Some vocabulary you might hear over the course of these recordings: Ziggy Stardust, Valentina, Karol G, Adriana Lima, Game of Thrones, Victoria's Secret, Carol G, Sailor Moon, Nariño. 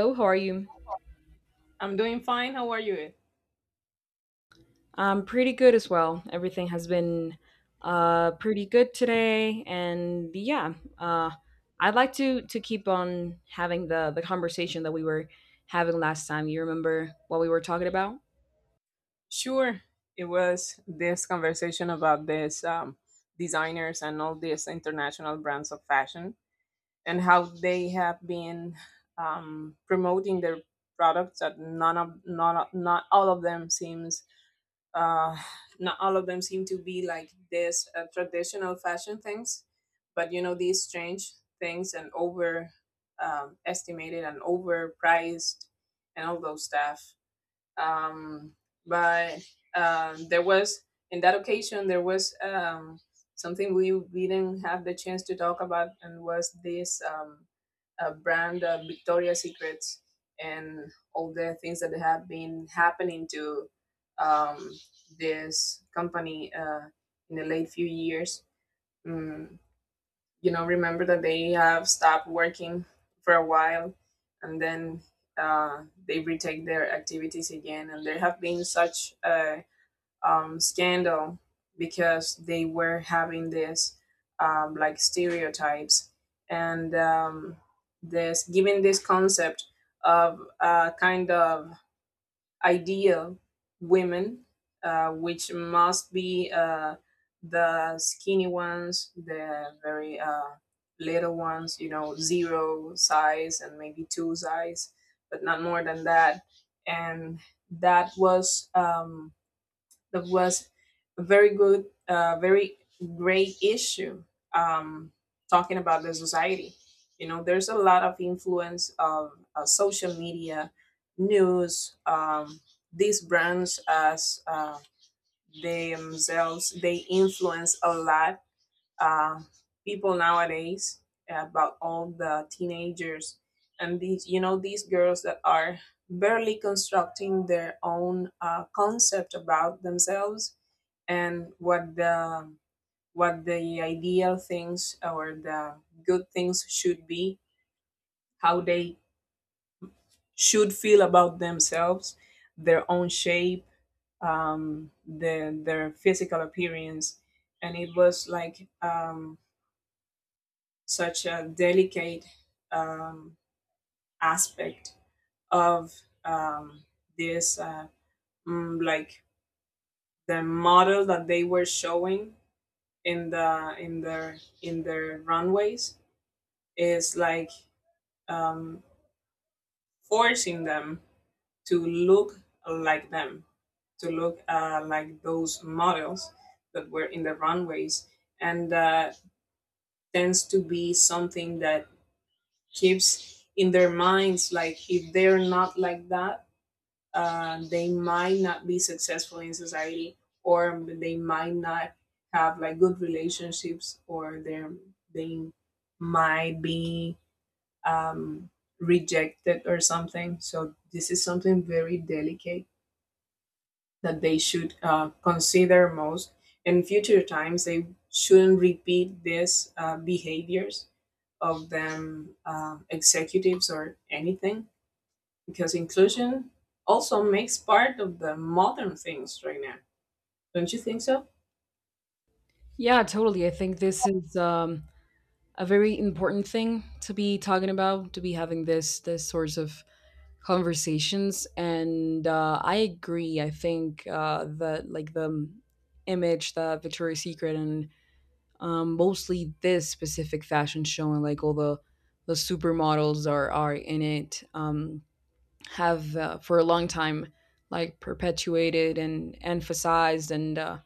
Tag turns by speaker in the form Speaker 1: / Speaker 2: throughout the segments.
Speaker 1: Hello, how are you?
Speaker 2: I'm doing fine. How are you?
Speaker 1: I'm pretty good as well. Everything has been pretty good today and yeah, I'd like to keep on having the conversation that we were having last time. You remember what we were talking about?
Speaker 2: Sure. It was this conversation about this designers and all these international brands of fashion and how they have been promoting their products that none of not not all of them seems uh, not all of them seem to be like this traditional fashion things, but you know these strange things and over estimated and overpriced and all those stuff. Um, but there was, in that occasion there was, something we didn't have the chance to talk about, and was this brand Victoria's Secrets and all the things that have been happening to um, this company in the late few years. Mm, you know, remember that they have stopped working for a while, and then they retake their activities again, and there have been such a scandal because they were having this like stereotypes and this giving this concept of a kind of ideal women, which must be the skinny ones, the very little ones, you know, zero size and maybe two size, but not more than that. And that was. That was a very good, very great issue um, talking about the society. You know, there's a lot of influence of social media, news, these brands as themselves, they influence a lot uh, people nowadays, about all the teenagers and these, you know, these girls that are barely constructing their own concept about themselves, and what the ideal things or the good things should be, how they should feel about themselves, their own shape, their physical appearance. And it was like such a delicate um, aspect of um, this, uh, like the model that they were showing in the in their in their runways is like, um, forcing them to look like them, to look like those models that were in the runways, and tends to be something that keeps in their minds, like if they're not like that, they might not be successful in society, or they might not have like good relationships, or they might be um, rejected or something. So this is something very delicate that they should consider most. In future times, they shouldn't repeat these behaviors of them, um, executives or anything, because inclusion also makes part of the modern things right now. Don't you think so?
Speaker 1: Yeah, totally. I think this is a very important thing to be talking about, to be having this sorts of conversations, and I agree. I think that, like, the image that Victoria's Secret and, mostly this specific fashion show and like all the supermodels are in it, have, for a long time like perpetuated and emphasized and,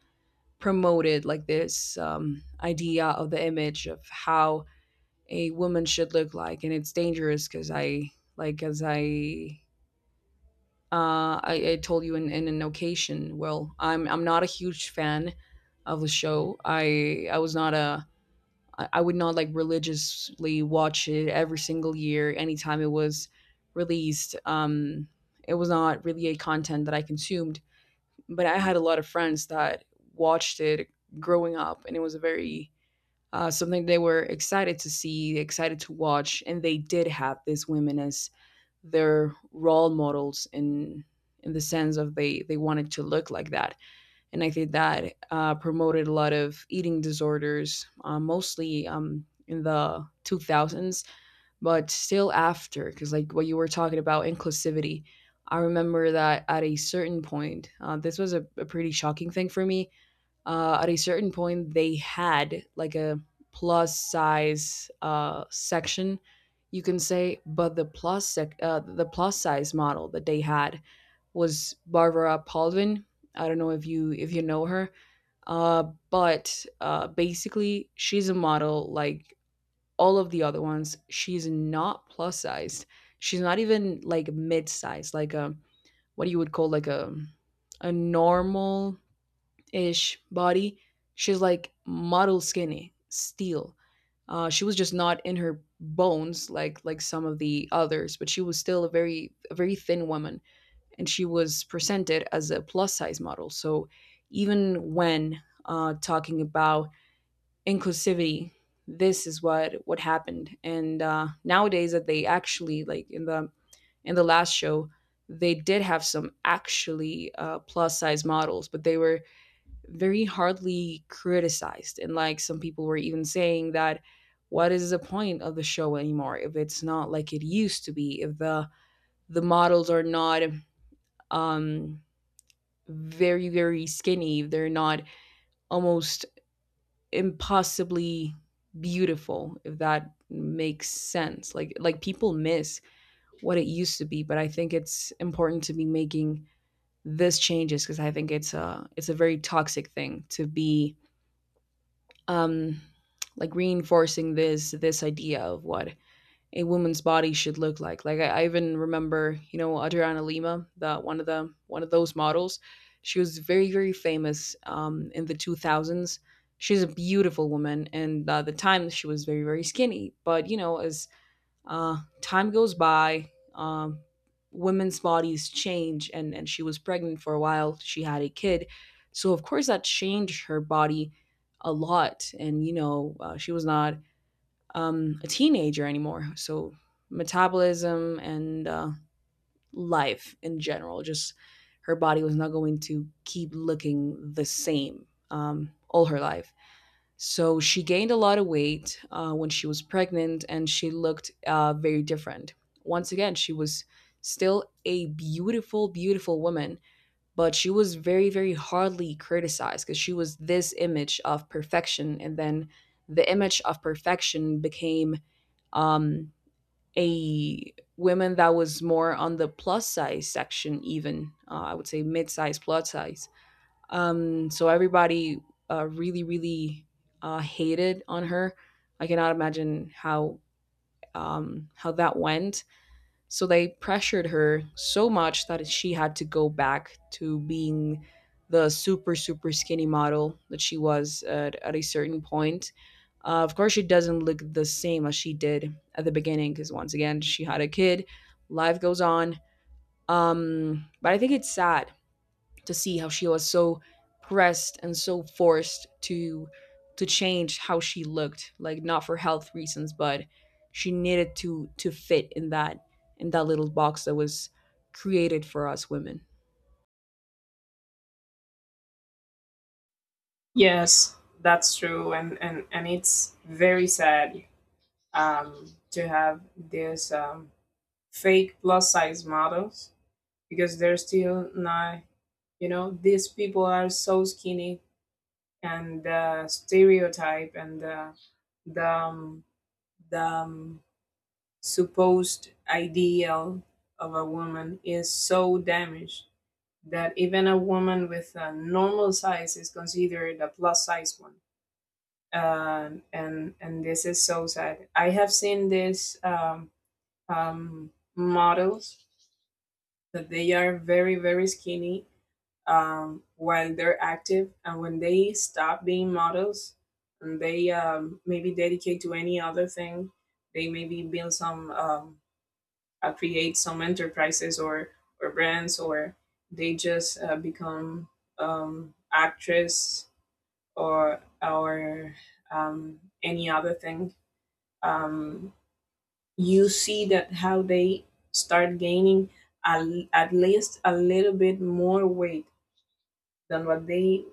Speaker 1: promoted like this, idea of the image of how a woman should look like, and it's dangerous because I like as I told you in an occasion. Well, I'm not a huge fan of the show. I was not a I would not like religiously watch it every single year, anytime it was released. It was not really a content that I consumed, but I had a lot of friends that watched it growing up, and it was a very something they were excited to see, excited to watch, and they did have these women as their role models in the sense of they wanted to look like that. And I think that, promoted a lot of eating disorders, mostly, in the 2000s, but still after, because like what you were talking about, inclusivity. I remember that at a certain point, this was a pretty shocking thing for me. At a certain point they had like a plus size, section, you can say. But the the plus size model that they had was Barbara Palvin. I don't know if you, if you know her. uh, but, basically she's a model like all of the other ones. She's not plus sized. She's not even like mid-sized, like a what you would call like a normal ish body. She's like model skinny, steel. She was just not in her bones like some of the others, but she was still a very thin woman, and she was presented as a plus size model. So even when, talking about inclusivity, this is what happened. And, nowadays that they actually, like in the last show, they did have some actually, plus size models, but they were very hardly criticized. And like some people were even saying that what is the point of the show anymore if it's not like it used to be, if the the models are not, um very, very skinny, if they're not almost impossibly beautiful, if that makes sense. Like people miss what it used to be, but I think it's important to be making these changes because I think it's a very toxic thing to be, um, like reinforcing this this idea of what a woman's body should look like. Like I even remember, you know, Adriana Lima, the one of those models. She was very very famous, in the 2000s. She's a beautiful woman, and, at the time she was very very skinny. But, you know, as, time goes by, women's bodies change, and she was pregnant for a while. She had a kid. So, of course, that changed her body a lot. And, you know, she was not, a teenager anymore. So, metabolism and, life in general, just her body was not going to keep looking the same, all her life. So she gained a lot of weight, when she was pregnant, and she looked, very different. Once again, she was still a beautiful, beautiful woman, but she was very, very hardly criticized because she was this image of perfection. And then the image of perfection became, um, a woman that was more on the plus size section, even, I would say mid size, plus size, so everybody, really, really, hated on her. I cannot imagine how, how that went. So they pressured her so much that she had to go back to being the super super skinny model that she was at a certain point. Of course, she doesn't look the same as she did at the beginning because once again, she had a kid. Life goes on. But I think it's sad to see how she was so pressed and so forced to change how she looked like, not for health reasons, but she needed to fit in that little box that was created for us women.
Speaker 2: Yes, that's true, and and it's very sad um, to have these fake plus size models, because they're still not. You know, these people are so skinny, and the stereotype and the um, the supposed ideal of a woman is so damaged that even a woman with a normal size is considered a plus size one. And this is so sad. I have seen this um, models that they are very very skinny while they're active, and when they stop being models, and they, maybe dedicate to any other thing, they maybe build some, create some enterprises, or brands, or they just become actress or any other thing, um, you see that how they start gaining a, at least a little bit more weight than what they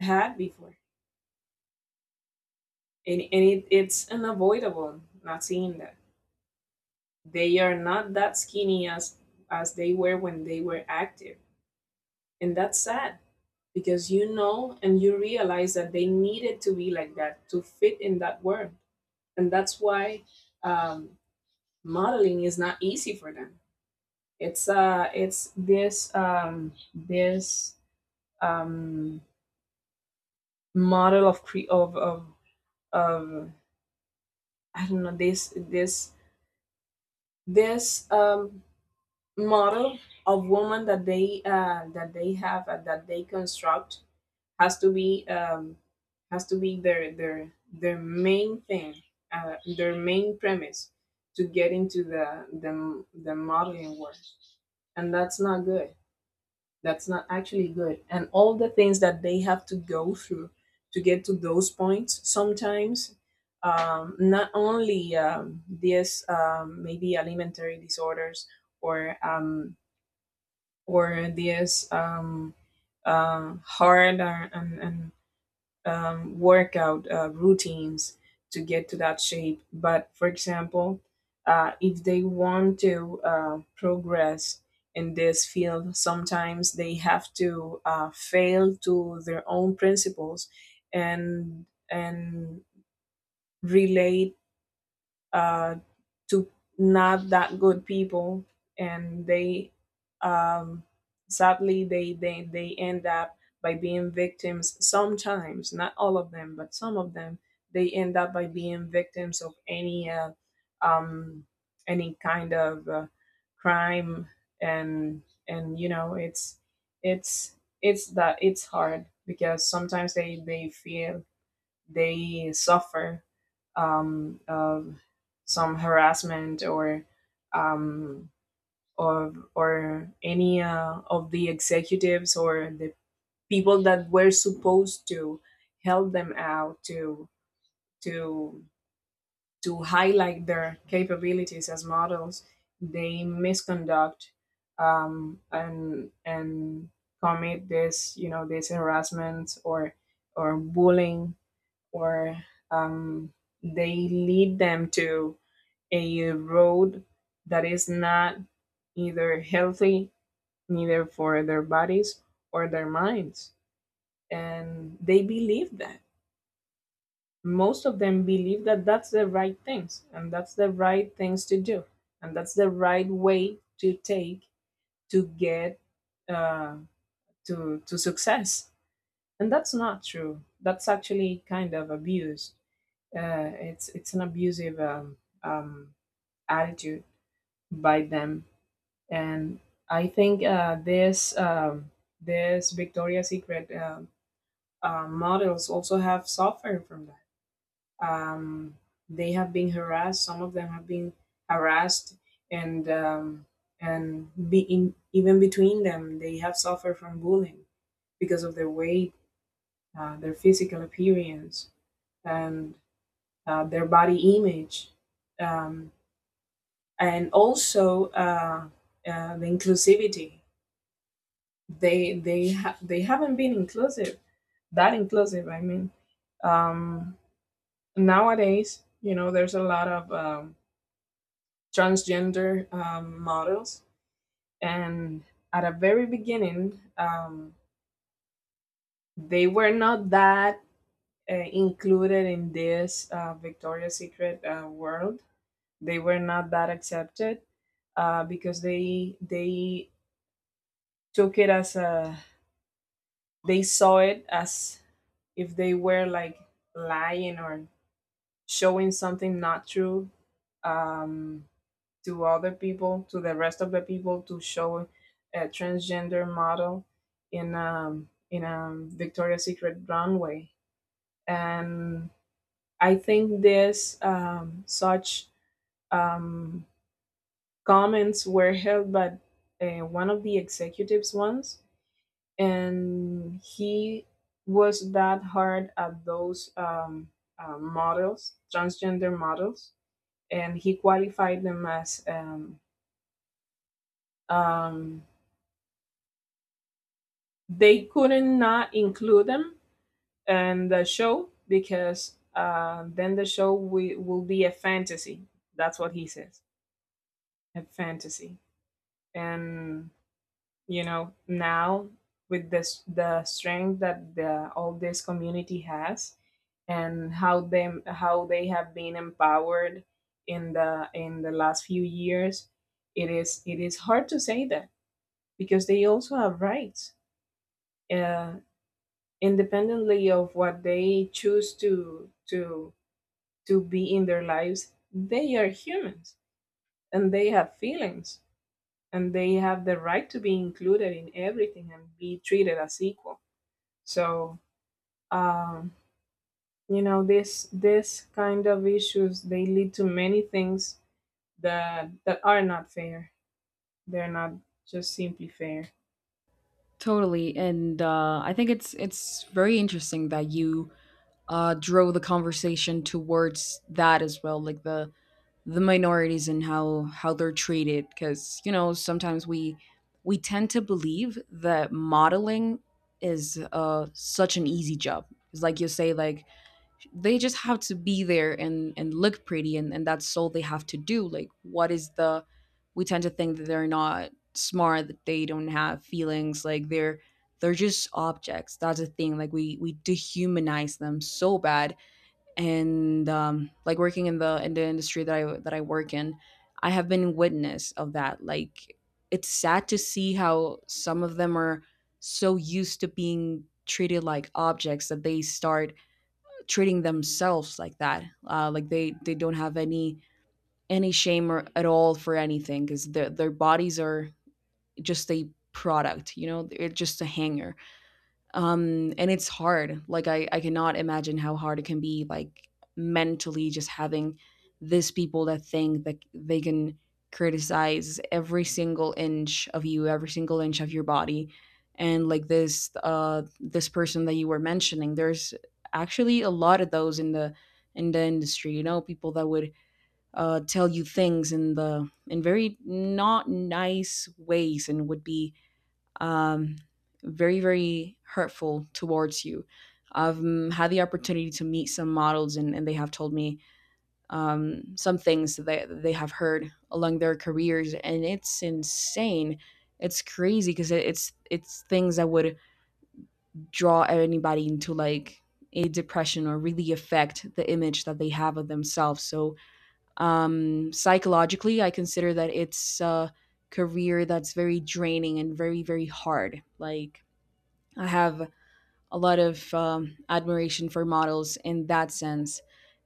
Speaker 2: had before. And it, it's unavoidable not seeing that they are not that skinny as they were when they were active, and that's sad, because, you know, and you realize that they needed to be like that to fit in that world. And that's why um, modeling is not easy for them. It's uh it's this um this um model of cre- of I don't know, this model of woman that they have and that they construct has to be um, has to be their main thing, their main premise to get into the modeling work, and that's not good. That's not actually good. And all the things that they have to go through to get to those points sometimes, not only these maybe alimentary disorders, or um, or these uh, heart, and workout routines to get to that shape. But for example, if they want to progress in this field, sometimes they have to fail to their own principles, and relate uh, to not that good people, and they, um, sadly they end up by being victims sometimes, not all of them, but some of them, they end up by being victims of um, any kind of crime. and and, you know, it's it's it's that it's hard, because sometimes they feel, they suffer of some harassment, or um, or any of the executives or the people that were supposed to help them out to to to highlight their capabilities as models, they misconduct and commit this, you know, this harassment or bullying, or um, they lead them to a road that is not either healthy, neither for their bodies or their minds. And they believe that most of them believe that that's the right things, and that's the right things to do, and that's the right way to take to get uh, to to success, and that's not true. That's actually kind of abused. It's an abusive um, attitude by them. And I think this Victoria's Secret models also have suffered from that. Um, they have been harassed. Some of them have been harassed, and and even between them, they have suffered from bullying because of their weight, their physical appearance, and their body image, um, and also the inclusivity, they haven't been inclusive. That inclusive, I mean um nowadays, you know, there's a lot of transgender models, and at a very beginning, they were not that included in this Victoria's Secret world. They were not that accepted, because they took it as a, they saw it as if they were like lying or showing something not true, um, to other people, to the rest of the people, to show a transgender model in a Victoria's Secret runway. And I think this, such um, comments were held by one of the executives once, and he was that hard at those models, transgender models, and he qualified them as um, they couldn't not include them in the show, because then the show will be a fantasy. That's what he says, a fantasy. And you know now, with this the strength that the, all this community has, and how them how they have been empowered in the last few years, it is, it is hard to say that, because they also have rights, uh, independently of what they choose to to be in their lives. They are humans, and they have feelings, and they have the right to be included in everything and be treated as equal. So um, you know, this kind of issues, they lead to many things that that are not fair. They're not just simply fair.
Speaker 1: Totally, and, I think it's very interesting that you, drove the conversation towards that as well, like the minorities and how they're treated. Because, you know, sometimes we tend to believe that modeling is, such an easy job. It's like you say, like they just have to be there and look pretty, and that's all they have to do. Like what is the we tend to think that they're not smart, that they don't have feelings, like they're just objects. That's the thing, like we dehumanize them so bad. And, like working in the industry that I work in, I have been witness of that. Like it's sad to see how some of them are so used to being treated like objects that they start treating themselves like that. Like they don't have any shame or, at all for anything because their bodies are just a product. You know, they're just a hanger. And it's hard. Like I cannot imagine how hard it can be, like, mentally just having these people that think that they can criticize every single inch of you, every single inch of your body. And like this, this person that you were mentioning, there's actually a lot of those in the industry, you know, people that would, tell you things in the in very not nice ways, and would be, um, very very hurtful towards you. I've had the opportunity to meet some models and they have told me, some things that they have heard along their careers, and it's insane. It's crazy because it's things that would draw anybody into like a depression or really affect the image that they have of themselves. So, psychologically, I consider that it's a career that's very draining and very very hard. Like I have a lot of, admiration for models in that sense.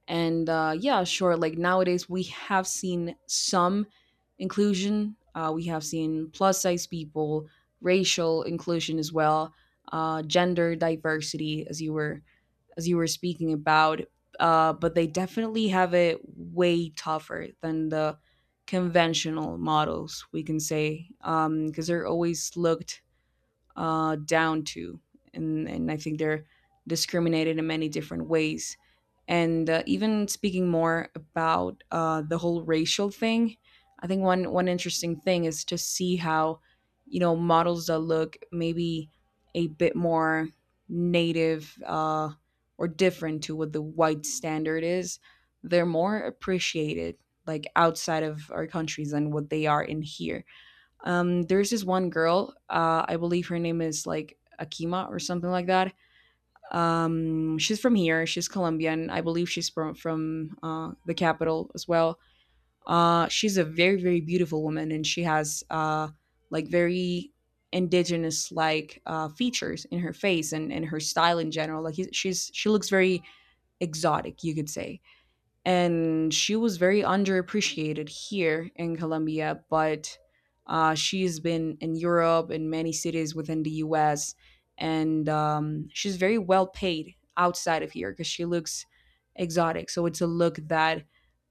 Speaker 1: And, yeah, sure. Like nowadays, we have seen some inclusion. We have seen plus size people, racial inclusion as well, gender diversity, as you were speaking about. But they definitely have it way tougher than the conventional models, we can say, because they're always looked, down to, and I think they're discriminated in many different ways. And, even speaking more about, the whole racial thing, I think one one interesting thing is to see how, you know, models that look maybe a bit more native, or different to what the white standard is, they're more appreciated like outside of our countries than what they are in here. There's this one girl, I believe her name is like Akima or something like that. She's from here. She's Colombian. I believe she's from, the capital as well. She's a very very beautiful woman, and she has, like very indigenous like, features in her face and her style in general. Like he's, she's she looks very exotic, you could say, and she was very underappreciated here in Colombia, but, she's been in Europe in many cities within the US, and, she's very well paid outside of here because she looks exotic. So it's a look that,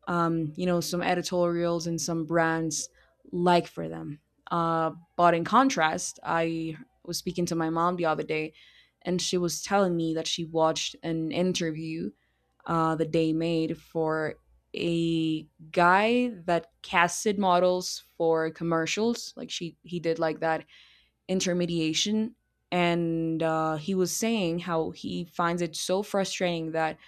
Speaker 1: you know, some editorials and some brands like for them. But in contrast, I was speaking to my mom the other day, and she was telling me that she watched an interview, that they made for a guy that casted models for commercials. Like she, he did like that intermediation. And, he was saying how he finds it so frustrating that,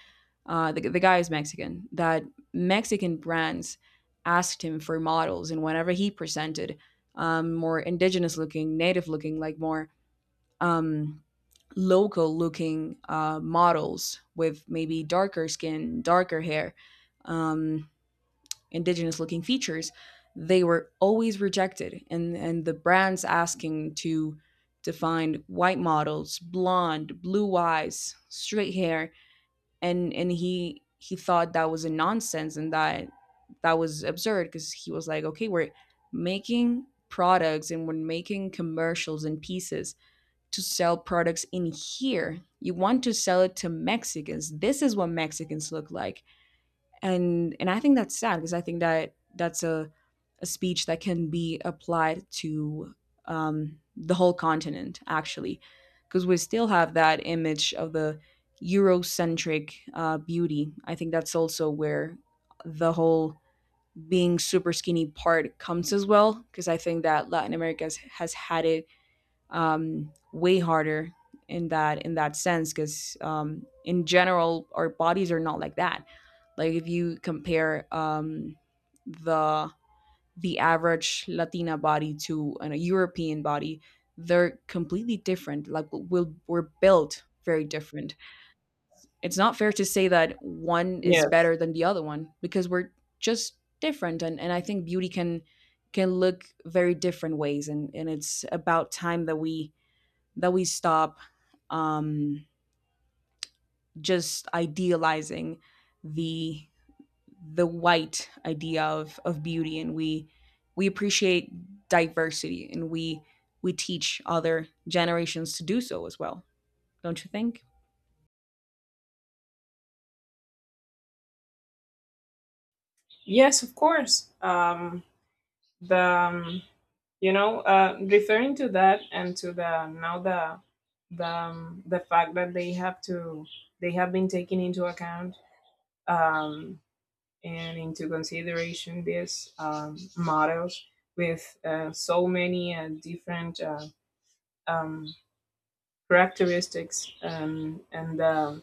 Speaker 1: the guy is Mexican, that Mexican brands asked him for models, and whenever he presented, more indigenous looking, native looking, like more, um, local looking, models with maybe darker skin, darker hair, um, indigenous looking features, they were always rejected. And the brands asking to find white models, blonde, blue eyes, straight hair, and he thought that was a nonsense, and that that was absurd, because he was like, okay, we're making products and we're making commercials and pieces to sell products in here. You want to sell it to Mexicans? This is what Mexicans look like. And I think that's sad because I think that that's a speech that can be applied to, the whole continent, actually, because we still have that image of the Eurocentric, beauty. I think that's also where the whole being super skinny part comes as well, because I think that Latin America has had it, way harder in that sense, because, in general our bodies are not like that. Like if you compare, the the average Latina body to an, a European body, they're completely different. Like we'll, we're built very different. It's not fair to say that one is
Speaker 2: Yes.
Speaker 1: better than the other one, because we're just different. And I think beauty can look very different ways. And it's about time that we stop, just idealizing the the white idea of beauty, and we appreciate diversity, and we teach other generations to do so as well. Don't you think?
Speaker 2: Yes, of course. The you know, referring to that, and to the now the fact that they have to, they have been taking into account um, and into consideration, these models with so many different um, characteristics, and um,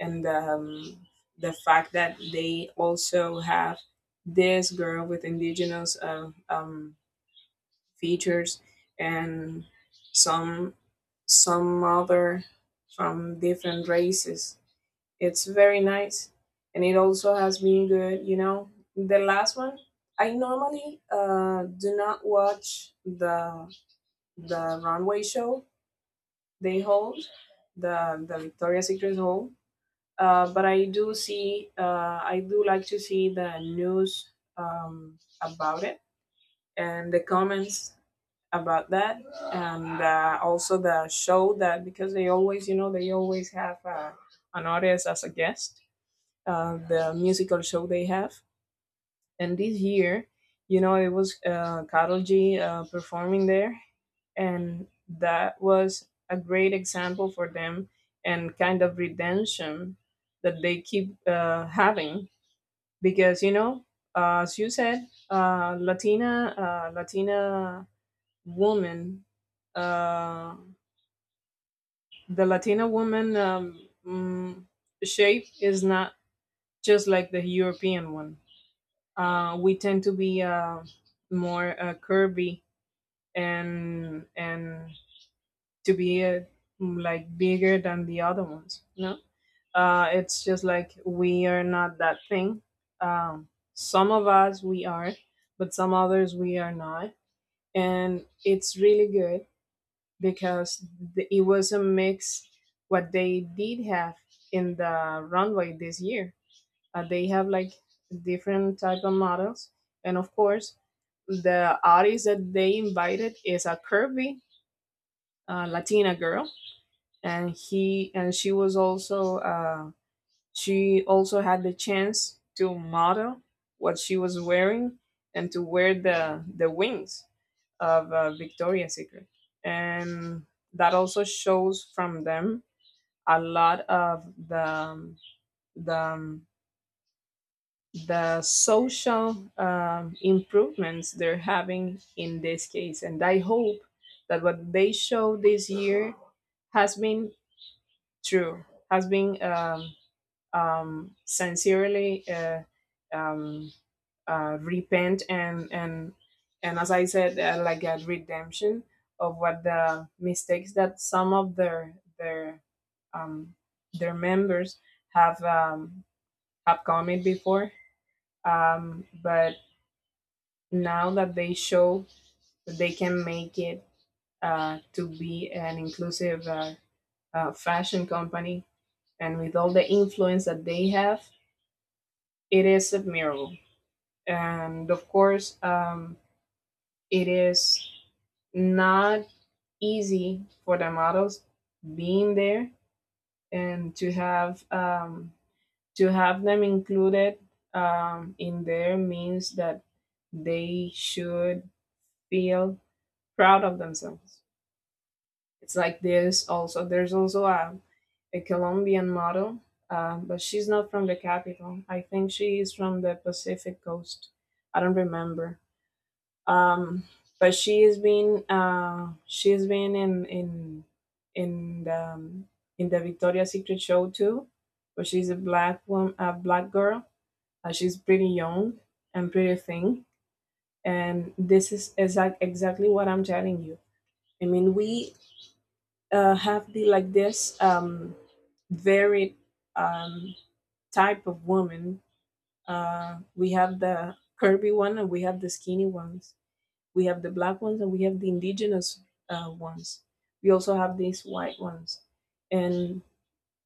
Speaker 2: and um, the fact that they also have this girl with indigenous features, and some some other from different races. It's very nice, and it also has been good. You know, the last one. I normally do not watch the runway show they hold, the Victoria's Secret hold. But I do see, I do like to see the news about it, and the comments about that. And also the show, that because they always, you know, they always have an artist as a guest, the musical show they have. And this year, you know, it was Karol G performing there, and that was a great example for them, and kind of redemption that they keep having. Because you know, as you said, Latina woman, uh, the Latina woman shape is not just like the European one. We tend to be more curvy, and to be like bigger than the other ones. No, it's just like we are not that thing. Um, some of us we are, but some others we are not, and it's really good because it was a mix what they did have in the runway this year, they have like different type of models, and of course the artist that they invited is a curvy latina girl, and he and she was also she also had the chance to model what she was wearing and to wear the wings of Victoria's Secret, and that also shows from them a lot of the the um, the social improvements they're having in this case, and I hope that what they show this year has been true, has been sincerely, um, repent and, as I said, like a redemption of what the mistakes that some of their um, their members have um, have committed before. But now that they show that they can make it to be an inclusive fashion company, and with all the influence that they have, it is admirable. And of course, it is not easy for the models being there, and to have them included in there means that they should feel proud of themselves. It's like this also. There's also a Colombian model, but she's not from the capital. I think she is from the Pacific coast. I don't remember. um but she has been in in the, um, in the Victoria's Secret show too, but she's a black woman, a black girl. She's pretty young and pretty thin, and this is exactly what I'm telling you. I mean, we have the, like, this varied um type of woman. Uh, we have the curvy one and we have the skinny ones. We have the black ones and we have the indigenous ones. We also have these white ones, and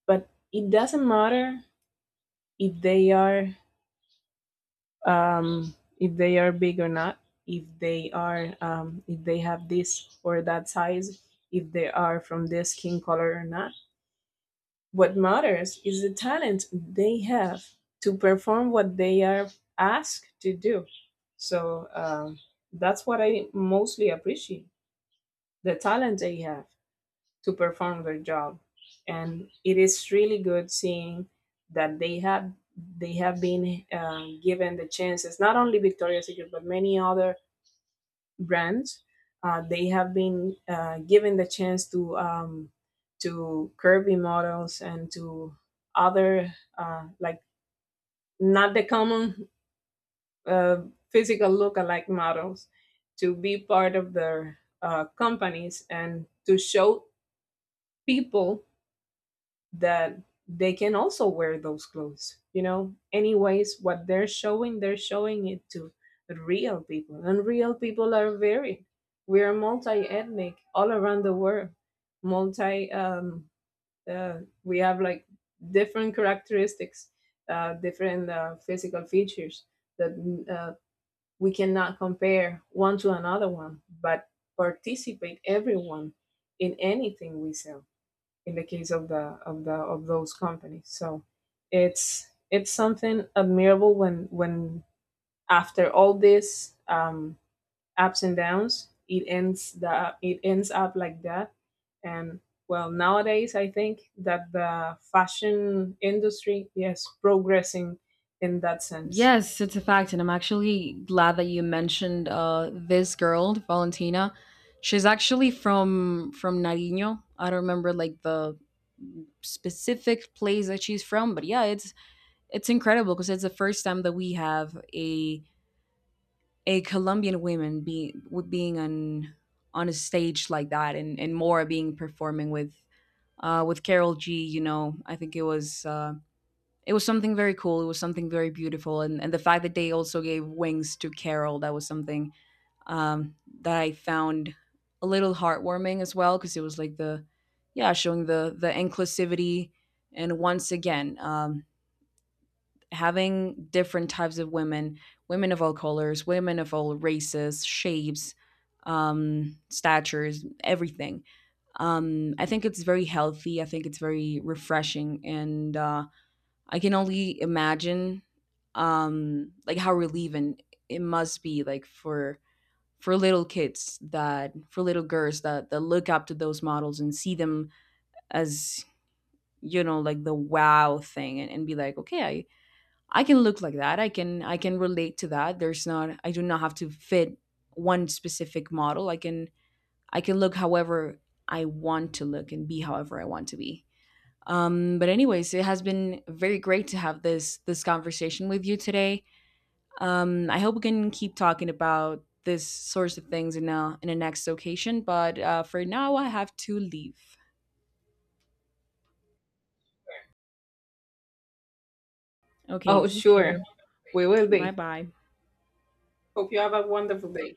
Speaker 2: but it doesn't matter if they are if they are big or not, if they are if they have this or that size, if they are from this skin color or not. What matters is the talent they have to perform what they are asked to do. So that's what I mostly appreciate, the talent they have to perform their job. And it is really good seeing that they have been given the chances, not only Victoria's Secret but many other brands. They have been given the chance to curvy models and to other, like, not the common uh, physical look-alike models to be part of their companies, and to show people that they can also wear those clothes. Anyways, what they're showing, they're showing it to real people, and real people are varied. We are multi-ethnic all around the world, multi uh, we have like different characteristics, different physical features that uh, we cannot compare one to another one, but participate everyone in anything we sell, in the case of the of the of those companies. So it's something admirable when, after all this ups and downs, it ends up like that. And, well, nowadays I think that the fashion industry is progressing in that sense.
Speaker 1: Yes, it's a fact, and I'm actually glad that you mentioned, this girl, Valentina. She's actually from Nariño. I don't remember like the specific place that she's from, but yeah, it's incredible because it's the first time that we have a Colombian woman being being on a stage like that, and Mora being performing with, with Carol G. You know, I think it was, it was something very cool. It was something very beautiful, and the fact that they also gave wings to Carol, that was something, um, that I found a little heartwarming as well, because it was like the yeah showing the inclusivity, and once again, having different types of women, women of all colors, women of all races, shapes, statures, everything. I think it's very healthy. I think it's very refreshing, and, I can only imagine, like how relieving it must be, like for little kids that, for little girls that that look up to those models and see them as, you know, like the wow thing, and be like, okay, I can look like that. I can relate to that. There's not, I do not have to fit one specific model. I can look however I want to look and be however I want to be. But anyways, it has been very great to have this this conversation with you today. I hope we can keep talking about this sorts of things in a next occasion. But, for now, I have to leave. Okay,
Speaker 2: Oh,
Speaker 1: take care.
Speaker 2: sure, we will
Speaker 1: Bye
Speaker 2: be.
Speaker 1: bye.
Speaker 2: Hope you have a wonderful day.